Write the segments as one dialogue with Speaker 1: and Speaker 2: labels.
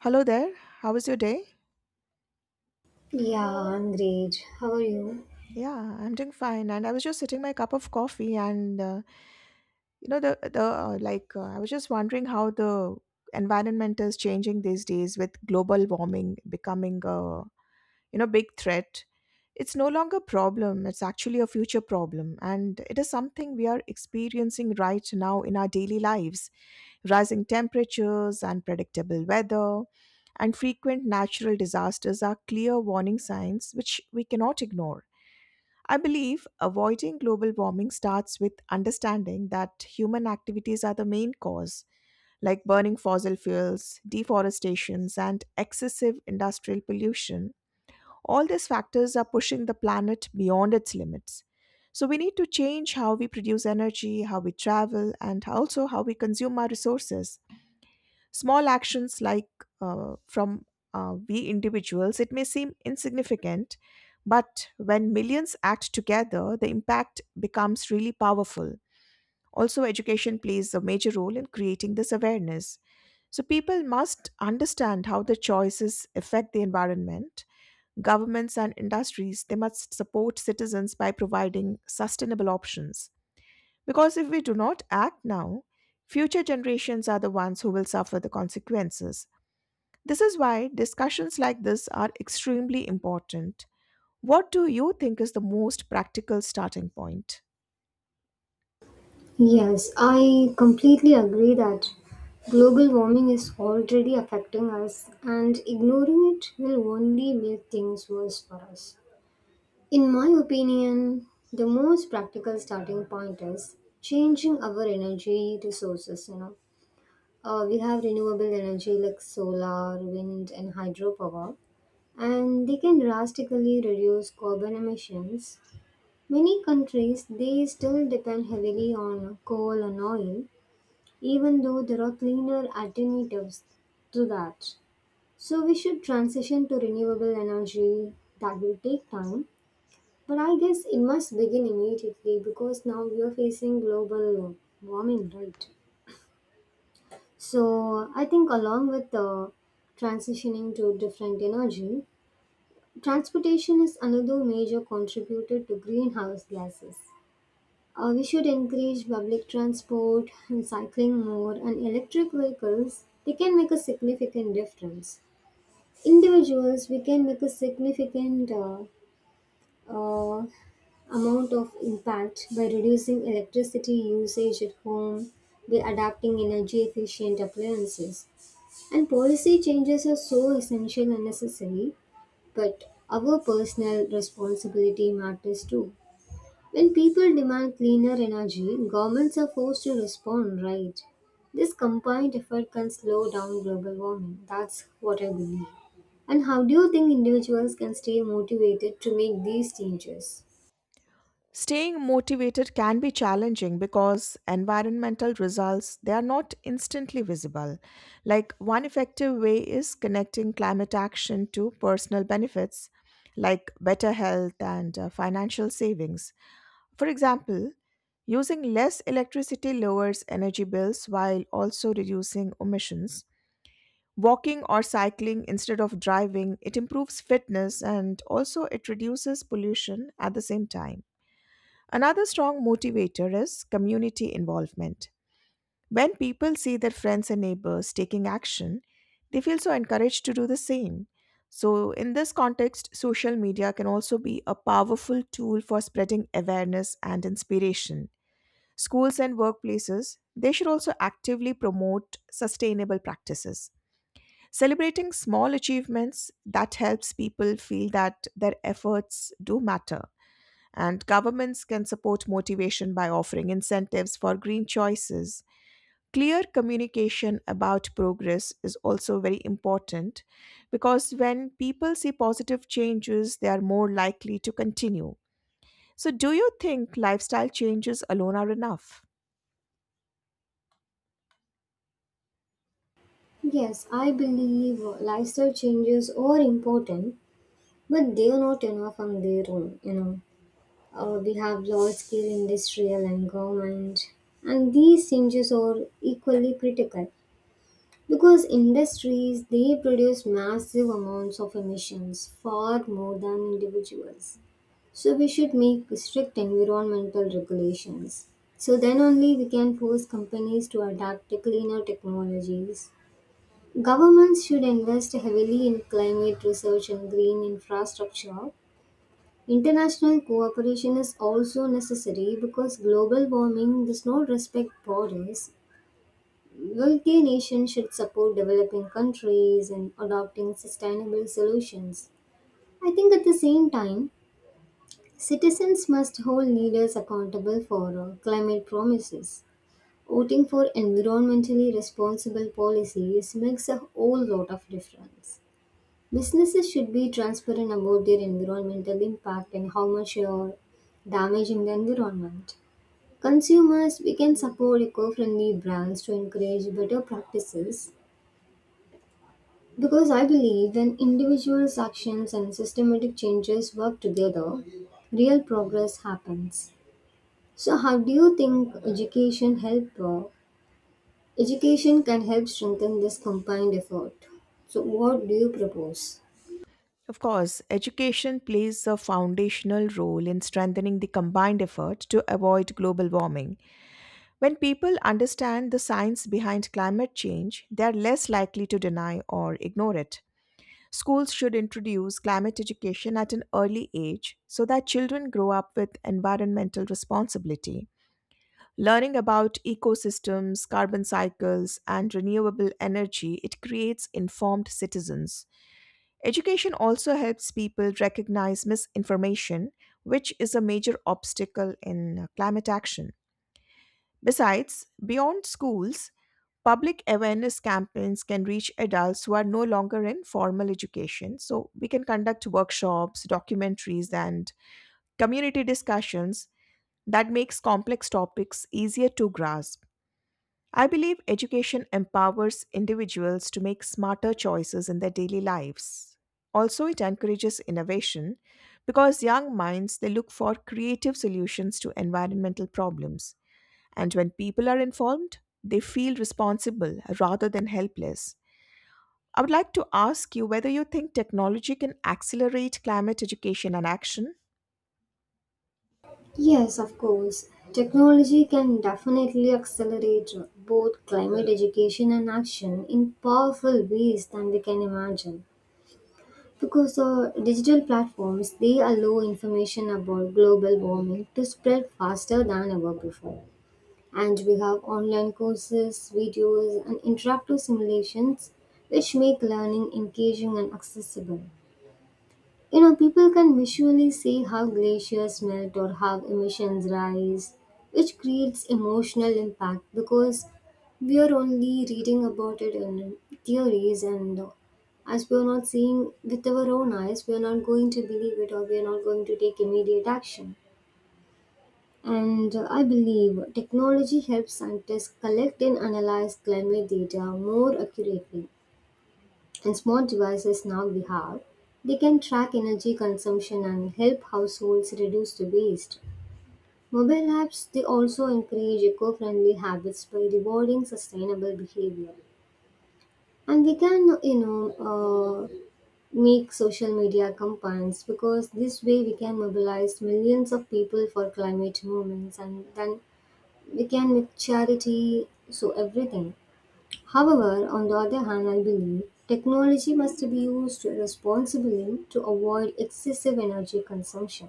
Speaker 1: Hello there. How was your day?
Speaker 2: Yeah, I'm great. How are you?
Speaker 1: Yeah, I'm doing fine. And I was just sitting my cup of coffee, and you know the like I was just wondering how the environment is changing these days with global warming becoming a big threat. It's no longer a problem. It's actually a future problem, and it is something we are experiencing right now in our daily lives. Rising temperatures, unpredictable weather, and frequent natural disasters are clear warning signs which we cannot ignore. I believe avoiding global warming starts with understanding that human activities are the main cause, like burning fossil fuels, deforestations, and excessive industrial pollution. All these factors are pushing the planet beyond its limits. So we need to change how we produce energy, how we travel, and also how we consume our resources. Small actions like from we individuals, it may seem insignificant, but when millions act together, the impact becomes really powerful. Also, education plays a major role in creating this awareness. So, people must understand how their choices affect the environment. Governments and industries, they must support citizens by providing sustainable options. Because if we do not act now, future generations are the ones who will suffer the consequences. This is why discussions like this are extremely important. What do you think is the most practical starting point?
Speaker 2: Yes, I completely agree that global warming is already affecting us, and ignoring it will only make things worse for us. In my opinion, the most practical starting point is changing our energy resources. We have renewable energy like solar, wind, and hydropower, and they can drastically reduce carbon emissions. Many countries, they still depend heavily on coal and oil, even though there are cleaner alternatives to that. So we should transition to renewable energy. That will take time, but I guess it must begin immediately because now we are facing global warming, right? So I think along with the transitioning to different energy, transportation is another major contributor to greenhouse gases. We should encourage public transport and cycling more and electric vehicles. They can make a significant difference. Individuals, we can make a significant uh, amount of impact by reducing electricity usage at home, by adapting energy efficient appliances. And policy changes are so essential and necessary, but our personal responsibility matters too. When people demand cleaner energy, governments are forced to respond, right? This combined effort can slow down global warming. That's what I believe. And how do you think individuals can stay motivated to make these changes?
Speaker 1: Staying motivated can be challenging because environmental results they are not instantly visible. Like one effective way is connecting climate action to personal benefits like better health and financial savings. For example, using less electricity lowers energy bills while also reducing emissions. Walking or cycling instead of driving, it improves fitness and also it reduces pollution at the same time. Another strong motivator is community involvement. When people see their friends and neighbors taking action, they feel so encouraged to do the same. So, in this context, social media can also be a powerful tool for spreading awareness and inspiration. Schools and workplaces, they should also actively promote sustainable practices. Celebrating small achievements that helps people feel that their efforts do matter. And governments can support motivation by offering incentives for green choices. Clear communication about progress is also very important because when people see positive changes, they are more likely to continue. So, do you think lifestyle changes alone are enough?
Speaker 2: Yes, I believe lifestyle changes are important, but they are not enough on their own. We have large-scale industrial and government, and these changes are equally critical. Because industries, they produce massive amounts of emissions far more than individuals. So we should make strict environmental regulations. So then only we can force companies to adapt to cleaner technologies. Governments should invest heavily in climate research and green infrastructure. International cooperation is also necessary because global warming does not respect borders. Wealthy nations should support developing countries in adopting sustainable solutions. I think at the same time, citizens must hold leaders accountable for climate promises. Voting for environmentally responsible policies makes a whole lot of difference. Businesses should be transparent about their environmental impact and how much they are damaging the environment. Consumers, we can support eco friendly brands to encourage better practices. Because I believe when individuals' actions and systematic changes work together, real progress happens. So, how do you think education help? Education can help strengthen this combined effort. So, what do you propose?
Speaker 1: Of course, education plays a foundational role in strengthening the combined effort to avoid global warming. When people understand the science behind climate change, they are less likely to deny or ignore it. Schools should introduce climate education at an early age so that children grow up with environmental responsibility. Learning about ecosystems, carbon cycles, and renewable energy, it creates informed citizens. Education also helps people recognize misinformation, which is a major obstacle in climate action. Besides, beyond schools, public awareness campaigns can reach adults who are no longer in formal education. So, we can conduct workshops, documentaries, and community discussions that makes complex topics easier to grasp. I believe education empowers individuals to make smarter choices in their daily lives. Also, it encourages innovation because young minds they look for creative solutions to environmental problems. And when people are informed, they feel responsible rather than helpless. I would like to ask you whether you think technology can accelerate climate education and action.
Speaker 2: Yes, of course. Technology can definitely accelerate both climate education and action in powerful ways than we can imagine. Because digital platforms, they allow information about global warming to spread faster than ever before. And we have online courses, videos, and interactive simulations which make learning engaging and accessible. You know, people can visually see how glaciers melt or how emissions rise, which creates emotional impact because we are only reading about it in theories, and as we are not seeing with our own eyes, we are not going to believe it or we are not going to take immediate action. And I believe technology helps scientists collect and analyze climate data more accurately, and smart devices now we have, they can track energy consumption and help households reduce the waste. Mobile apps, they also encourage eco-friendly habits by rewarding sustainable behavior. And we can, uh, make social media campaigns because this way we can mobilize millions of people for climate movements, and then we can make charity so everything. However, on the other hand, I believe technology must be used responsibly to avoid excessive energy consumption.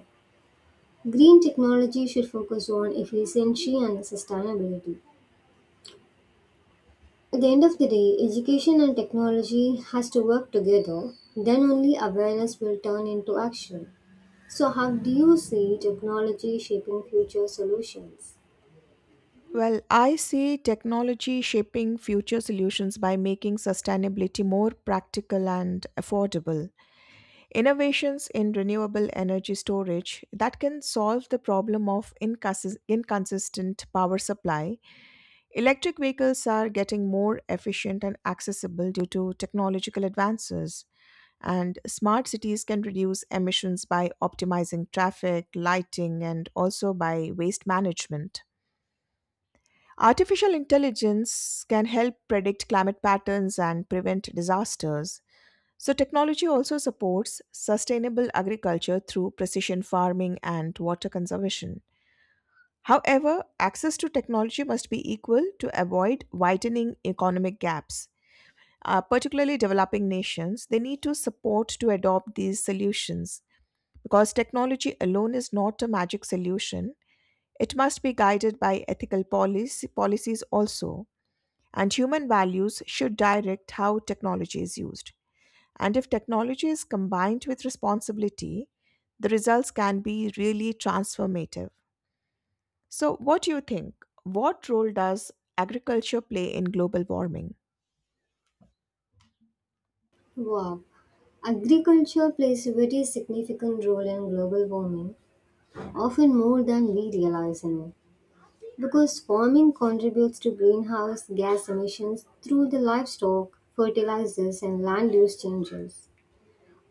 Speaker 2: Green technology should focus on efficiency and sustainability. At the end of the day, education and technology has to work together, then only awareness will turn into action. So how do you see technology shaping future solutions?
Speaker 1: Well, I see technology shaping future solutions by making sustainability more practical and affordable. Innovations in renewable energy storage that can solve the problem of inconsistent power supply. Electric vehicles are getting more efficient and accessible due to technological advances. And smart cities can reduce emissions by optimizing traffic, lighting, and also by waste management. Artificial intelligence can help predict climate patterns and prevent disasters. So, technology also supports sustainable agriculture through precision farming and water conservation. However, access to technology must be equal to avoid widening economic gaps. Particularly developing nations, they need to support to adopt these solutions because technology alone is not a magic solution. It must be guided by ethical policies also. And human values should direct how technology is used. And if technology is combined with responsibility, the results can be really transformative. So, what do you think? What role does agriculture play in global warming?
Speaker 2: Wow. Agriculture plays a very significant role in global warming, often more than we realize, you know, because farming contributes to greenhouse gas emissions through the livestock, fertilizers, and land use changes.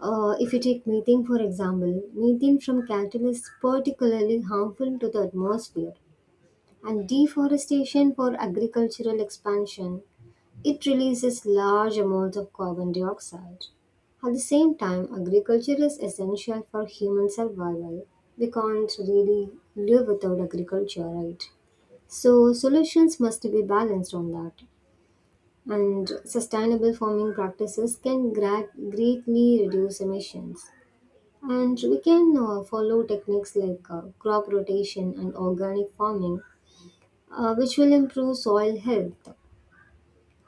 Speaker 2: If you take methane, for example, methane from cattle is particularly harmful to the atmosphere, and deforestation for agricultural expansion, it releases large amounts of carbon dioxide. At the same time, agriculture is essential for human survival. We can't really live without agriculture, right? So, solutions must be balanced on that. And sustainable farming practices can greatly reduce emissions. And we can follow techniques like crop rotation and organic farming, which will improve soil health.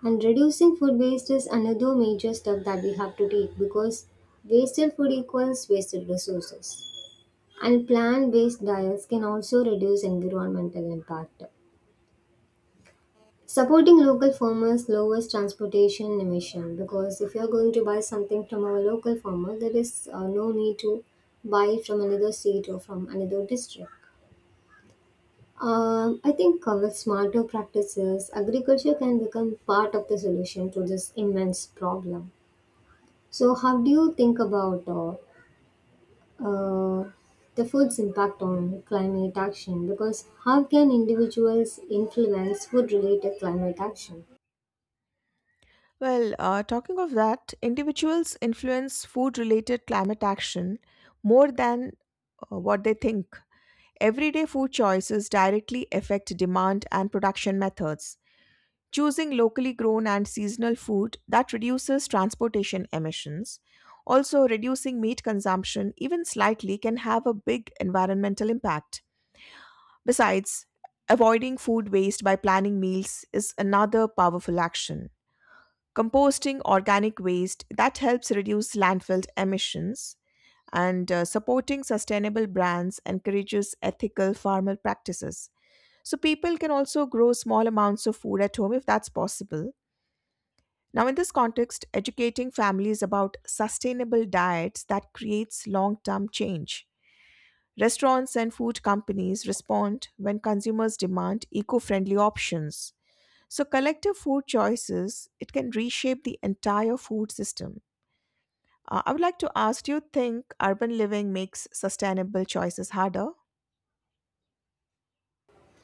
Speaker 2: And reducing food waste is another major step that we have to take because wasted food equals wasted resources. And plant based diets can also reduce environmental impact. Supporting local farmers lowers transportation emission because if you're going to buy something from our local farmer, there is no need to buy from another state or from another district. I think with smarter practices, agriculture can become part of the solution to this immense problem. So, how do you think about uh, the food's impact on climate action? Because how can individuals influence food-related climate action?
Speaker 1: Talking of that, individuals influence food related climate action more than what they think. Everyday food choices directly affect demand and production methods. Choosing locally grown and seasonal food that reduces transportation emissions. Also, reducing meat consumption, even slightly, can have a big environmental impact. Besides, avoiding food waste by planning meals is another powerful action. Composting organic waste that helps reduce landfill emissions and supporting sustainable brands encourages ethical farmer practices. So people can also grow small amounts of food at home if that's possible. Now, in this context, educating families about sustainable diets that creates long-term change. Restaurants and food companies respond when consumers demand eco-friendly options. So, collective food choices, it can reshape the entire food system. I would like to ask, do you think urban living makes sustainable choices harder?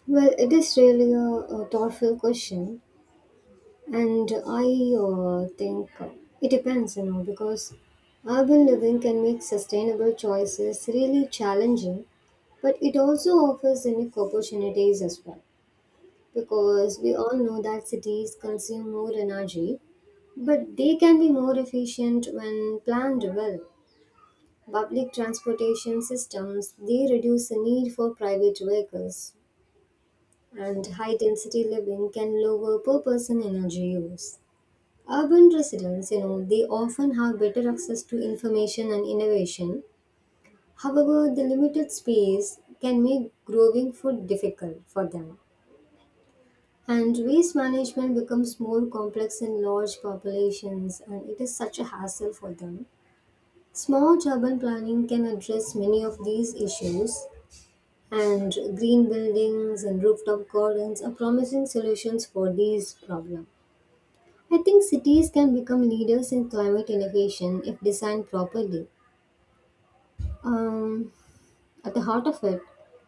Speaker 2: Well, it is really a thoughtful question. And I think it depends, you know, because urban living can make sustainable choices really challenging, but it also offers unique opportunities as well. Because we all know that cities consume more energy, but they can be more efficient when planned well. Public transportation systems, they reduce the need for private vehicles, and high density living can lower per person energy use. Urban residents, you know, they often have better access to information and innovation. However, the limited space can make growing food difficult for them. And waste management becomes more complex in large populations, and it is such a hassle for them. Smart urban planning can address many of these issues, and green buildings and rooftop gardens are promising solutions for these problems. I think cities can become leaders in climate innovation if designed properly. Um, at the heart of it,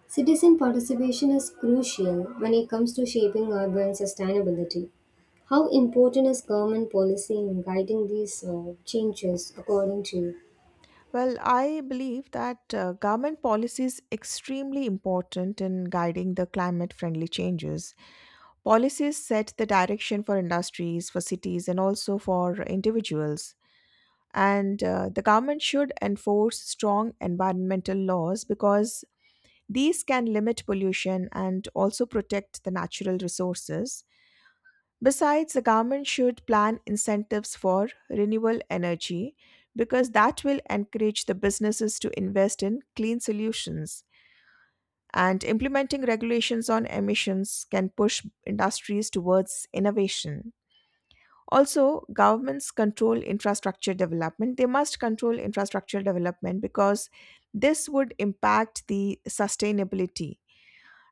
Speaker 2: citizen participation is crucial when it comes to shaping urban sustainability. How important is government policy in guiding these changes according to you?
Speaker 1: Well, I believe that government policy is extremely important in guiding the climate friendly changes. Policies set the direction for industries, for cities, and also for individuals. And the government should enforce strong environmental laws because these can limit pollution and also protect the natural resources. Besides, the government should plan incentives for renewable energy because that will encourage the businesses to invest in clean solutions. And implementing regulations on emissions can push industries towards innovation. Also, governments control infrastructure development they must control infrastructure development because this would impact the sustainability,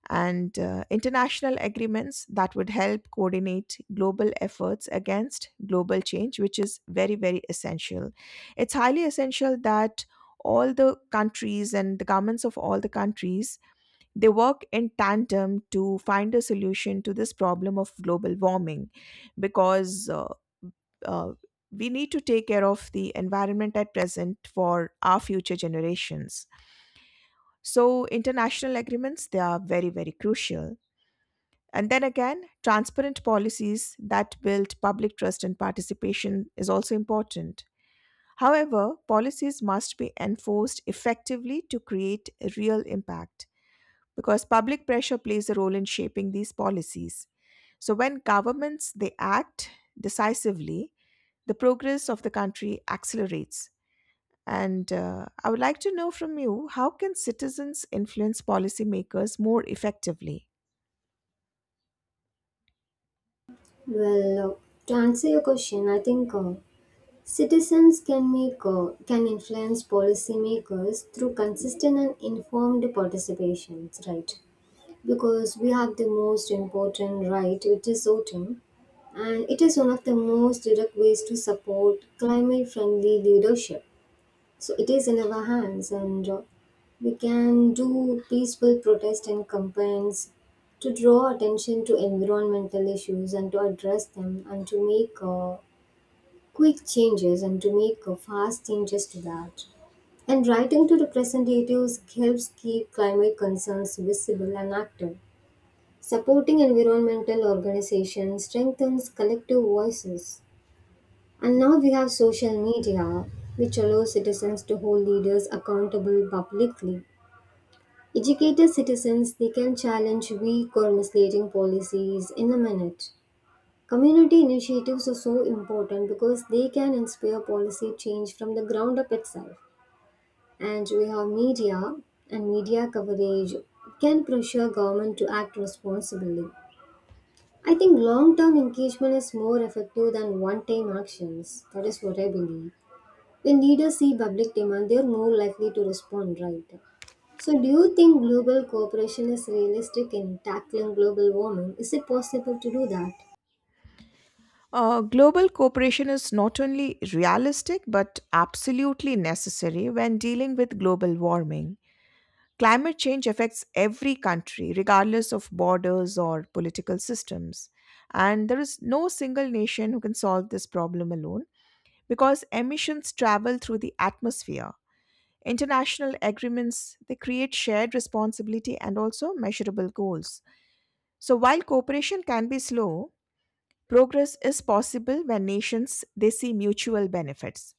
Speaker 1: and international agreements that would help coordinate global efforts against global change, which is very very essential. It's highly essential that all the countries and the governments of all the countries they work in tandem to find a solution to this problem of global warming, because uh, we need to take care of the environment at present for our future generations. So, international agreements, they are very, very crucial. And then again, transparent policies that build public trust and participation is also important. However, policies must be enforced effectively to create a real impact because public pressure plays a role in shaping these policies. So when governments they act decisively, the progress of the country accelerates. And I would like to know from you, how can citizens influence policymakers more effectively?
Speaker 2: Well, to answer your question, I think citizens can make can influence policymakers through consistent and informed participations, right? Because we have the most important right, which is voting, and it is one of the most direct ways to support climate friendly leadership. So it is in our hands, and we can do peaceful protest and campaigns to draw attention to environmental issues and to address them, and to make quick changes and to make fast changes to that. And writing to representatives helps keep climate concerns visible and active. Supporting environmental organizations strengthens collective voices. And now we have social media, which allows citizens to hold leaders accountable publicly. Educated citizens, they can challenge weak or misleading policies in a minute. Community initiatives are so important because they can inspire policy change from the ground up itself. And we have media, and media coverage can pressure government to act responsibly. I think long term engagement is more effective than one time actions. That is what I believe. When leaders see public demand, they are more likely to respond right. So, do you think global cooperation is realistic in tackling global warming? Is it possible to do that?
Speaker 1: Global cooperation is not only realistic but absolutely necessary when dealing with global warming. Climate change affects every country, regardless of borders or political systems. And there is no single nation who can solve this problem alone because emissions travel through the atmosphere. International agreements they create shared responsibility and also measurable goals. So while cooperation can be slow, progress is possible when nations they see mutual benefits.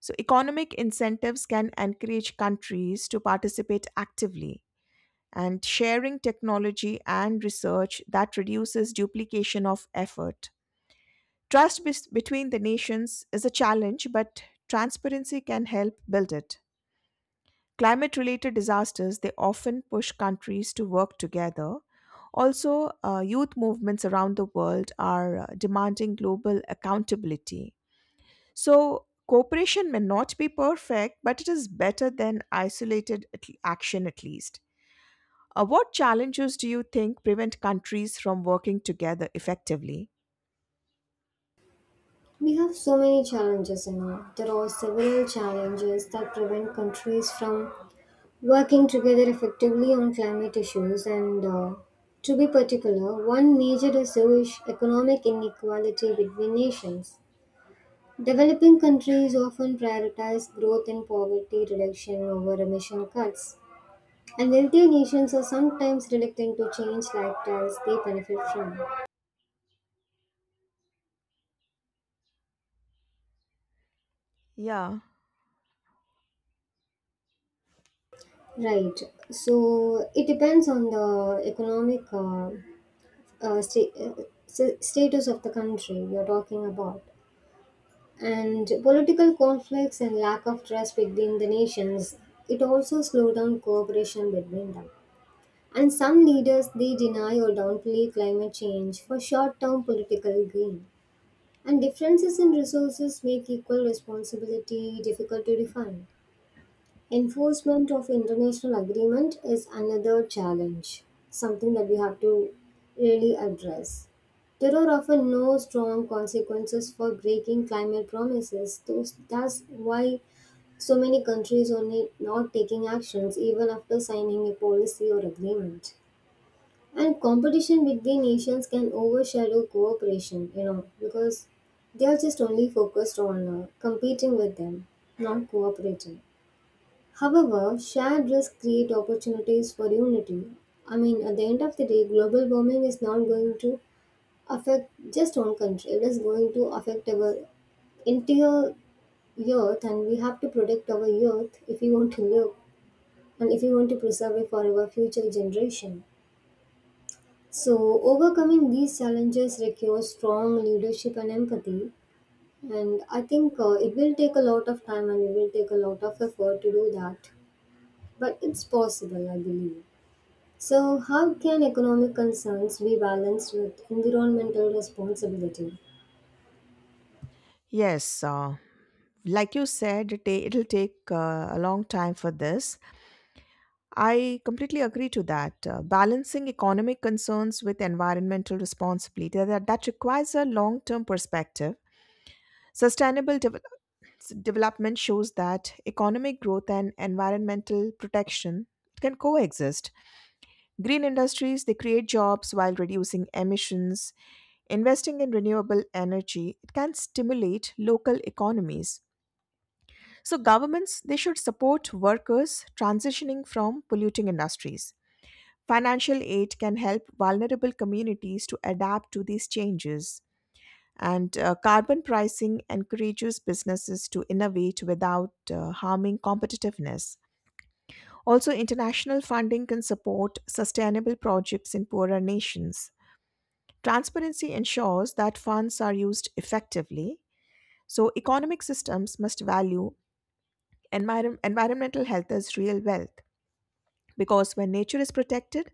Speaker 1: So economic incentives can encourage countries to participate actively, and sharing technology and research that reduces duplication of effort. Between the nations is a challenge, but transparency can help build it. Climate related disasters, they often push countries to work together. Also, youth movements around the world are demanding global accountability. So, cooperation may not be perfect, but it is better than action at least. What challenges do you think prevent countries from working together effectively?
Speaker 2: We have so many challenges, you know. There are several challenges that prevent countries from working together effectively on climate issues. And To be particular, one major issue is economic inequality between nations. Developing countries often prioritize growth and poverty reduction over emission cuts, and wealthier nations are sometimes reluctant to change lifestyles they benefit from.
Speaker 1: Yeah.
Speaker 2: Right. So it depends on the economic status of the country you're talking about, and political conflicts and lack of trust between the nations. It also slow down cooperation between them. And some leaders, they deny or downplay climate change for short-term political gain. And differences in resources make equal responsibility difficult to define. Enforcement of international agreement is another challenge, something that we have to really address. There are often no strong consequences for breaking climate promises. That's why so many countries are not taking actions even after signing a policy or agreement. And competition between nations can overshadow cooperation, you know, because they are just only focused on competing with them, not cooperating. However, shared risks create opportunities for unity. I mean, at the end of the day, global warming is not going to affect just one country, it is going to affect our entire earth, and we have to protect our earth if we want to live and if we want to preserve it for our future generation. So, overcoming these challenges requires strong leadership and empathy. And I think it will take a lot of time and it will take a lot of effort to do that. But it's possible, I believe. So, how can economic concerns be balanced with environmental responsibility?
Speaker 1: Yes, like you said, it'll take a long time for this. I completely agree to that. Balancing economic concerns with environmental responsibility that requires a long-term perspective. Sustainable devel development shows that economic growth and environmental protection can coexist. Green industries they create jobs while reducing emissions. Investing in renewable energy, it can stimulate local economies. So governments they should support workers transitioning from polluting industries. Financial aid can help vulnerable communities to adapt to these changes. And carbon pricing encourages businesses to innovate without harming competitiveness. Also, international funding can support sustainable projects in poorer nations. Transparency ensures that funds are used effectively. So, economic systems must value environmental health as real wealth, because when nature is protected,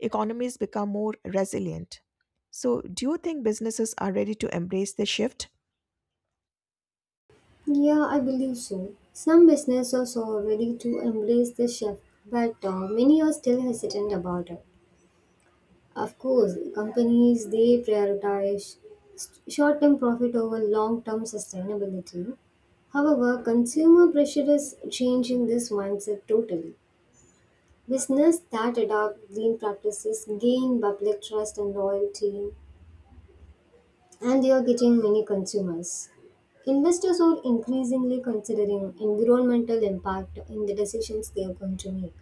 Speaker 1: economies become more resilient. So, do you think businesses are ready to embrace this shift?
Speaker 2: Yeah, I believe so. Some businesses are ready to embrace this shift, but many are still hesitant about it. Of course, companies, they prioritize short term profit over long term sustainability. However, consumer pressure is changing this mindset totally. Business that adopt green practices gain public trust and loyalty, and they are getting many consumers. Investors are increasingly considering environmental impact in the decisions they are going to make.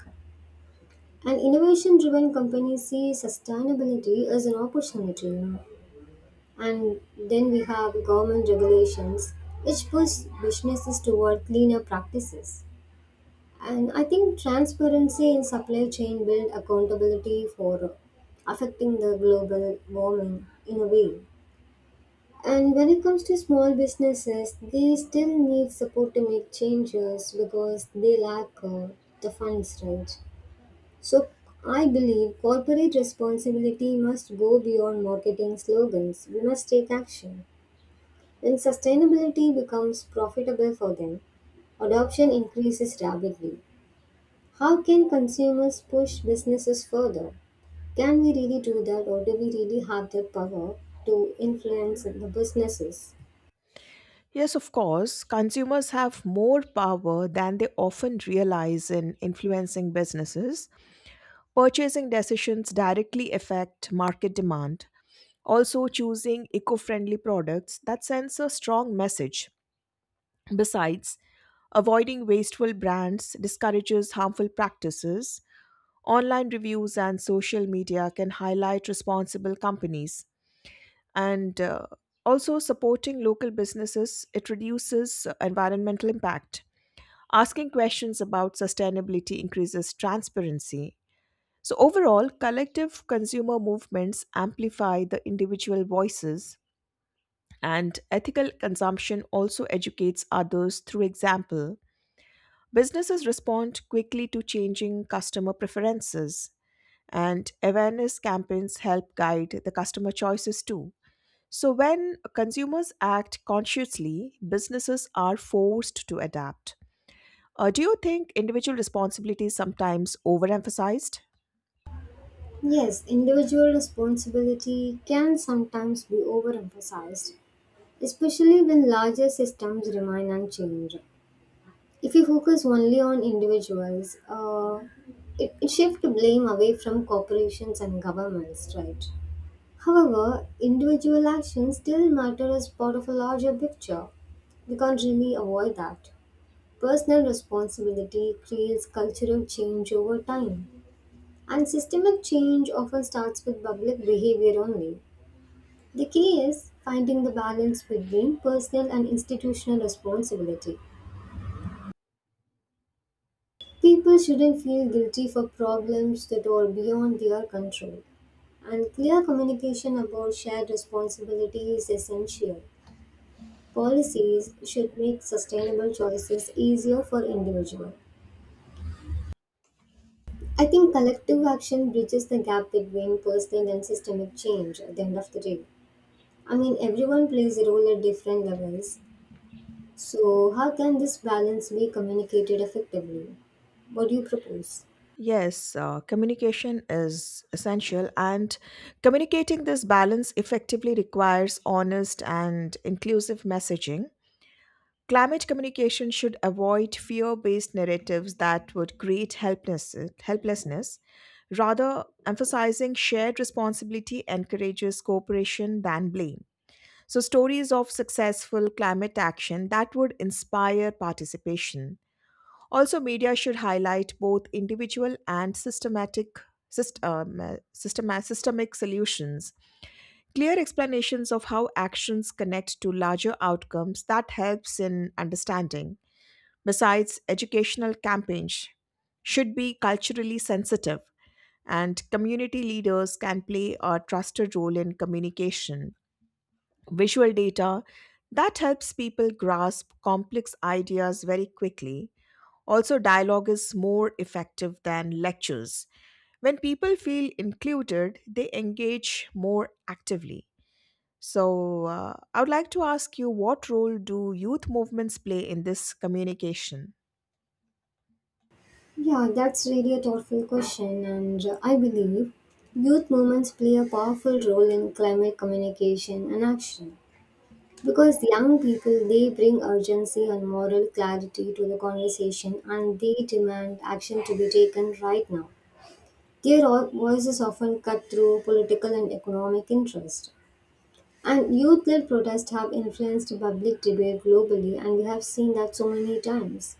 Speaker 2: And innovation driven companies see sustainability as an opportunity. And then we have government regulations, which push businesses toward cleaner practices. And I think transparency in supply chain build accountability for affecting the global warming in a way. And when it comes to small businesses, they still need support to make changes because they lack the funds, right? So I believe corporate responsibility must go beyond marketing slogans. We must take action. When sustainability becomes profitable for them, adoption increases rapidly. How can consumers push businesses further? Can we really do that, or do we really have the power to influence the businesses?
Speaker 1: Yes, of course, consumers have more power than they often realize in influencing businesses. Purchasing decisions directly affect market demand. Also, choosing eco friendly products that sends a strong message. Besides, avoiding wasteful brands discourages harmful practices. Online reviews and social media can highlight responsible companies. And also, supporting local businesses, it reduces environmental impact. Asking questions about sustainability increases transparency. So, overall, collective consumer movements amplify the individual voices, and ethical consumption also educates others through example. Businesses respond quickly to changing customer preferences, and awareness campaigns help guide the customer choices too. So, when consumers act consciously, businesses are forced to adapt. Do you think individual responsibility is sometimes overemphasized?
Speaker 2: Yes, individual responsibility can sometimes be overemphasized, especially when larger systems remain unchanged. If we focus only on individuals, it shifts blame away from corporations and governments, right? However, individual actions still matter as part of a larger picture. We can't really avoid that. Personal responsibility creates cultural change over time, and systemic change often starts with public behavior only. The key is finding the balance between personal and institutional responsibility. People shouldn't feel guilty for problems that are beyond their control, and clear communication about shared responsibility is essential. Policies should make sustainable choices easier for individuals. I think collective action bridges the gap between personal and systemic change at the end of the day. I mean, everyone plays a role at different levels. So, how can this balance be communicated effectively? What do you propose?
Speaker 1: Yes, communication is essential, and communicating this balance effectively requires honest and inclusive messaging. Climate communication should avoid fear based narratives that would create helplessness. Rather, emphasizing shared responsibility encourages cooperation than blame. So, stories of successful climate action that would inspire participation. Also, media should highlight both individual and systemic solutions. Clear explanations of how actions connect to larger outcomes that helps in understanding. Besides, educational campaigns should be culturally sensitive, and community leaders can play a trusted role in communication. Visual data that helps people grasp complex ideas very quickly. Also, dialogue is more effective than lectures. When people feel included, they engage more actively. So, I would like to ask you, what role do youth movements play in this communication?
Speaker 2: Yeah, that's really a thoughtful question, and I believe youth movements play a powerful role in climate communication and action. Because young people, they bring urgency and moral clarity to the conversation and they demand action to be taken right now. Their voices often cut through political and economic interest. And youth led protests have influenced public debate globally, and we have seen that so many times.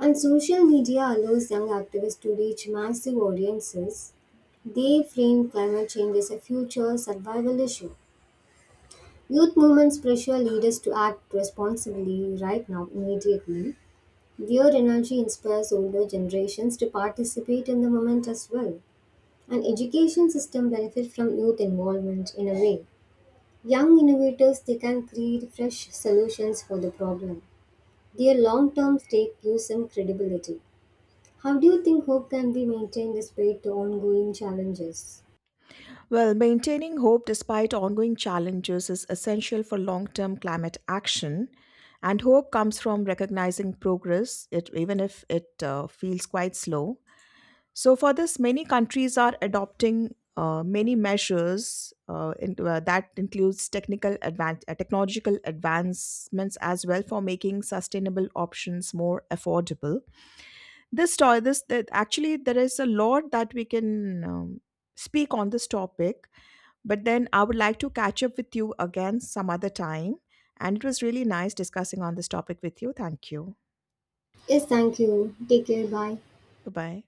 Speaker 2: And social media allows young activists to reach massive audiences. They frame climate change as a future survival issue. Youth movements pressure leaders to act responsibly right now, immediately. Their energy inspires older generations to participate in the movement as well. An education system benefits from youth involvement in a way. Young innovators, they can create fresh solutions for the problem. Their long-term stake gives them credibility. How do you think hope can be maintained despite the ongoing challenges?
Speaker 1: Well, maintaining hope despite ongoing challenges is essential for long term climate action. And hope comes from recognizing progress, even if it feels quite slow. So, for this, many countries are adopting many measures that includes technological advancements as well for making sustainable options more affordable. This to- this that Actually, there is a lot that we can speak on this topic, but then I would like to catch up with you again some other time. And it was really nice discussing on this topic with you. Thank you.
Speaker 2: Yes, thank you. Take care. Bye.
Speaker 1: Bye bye.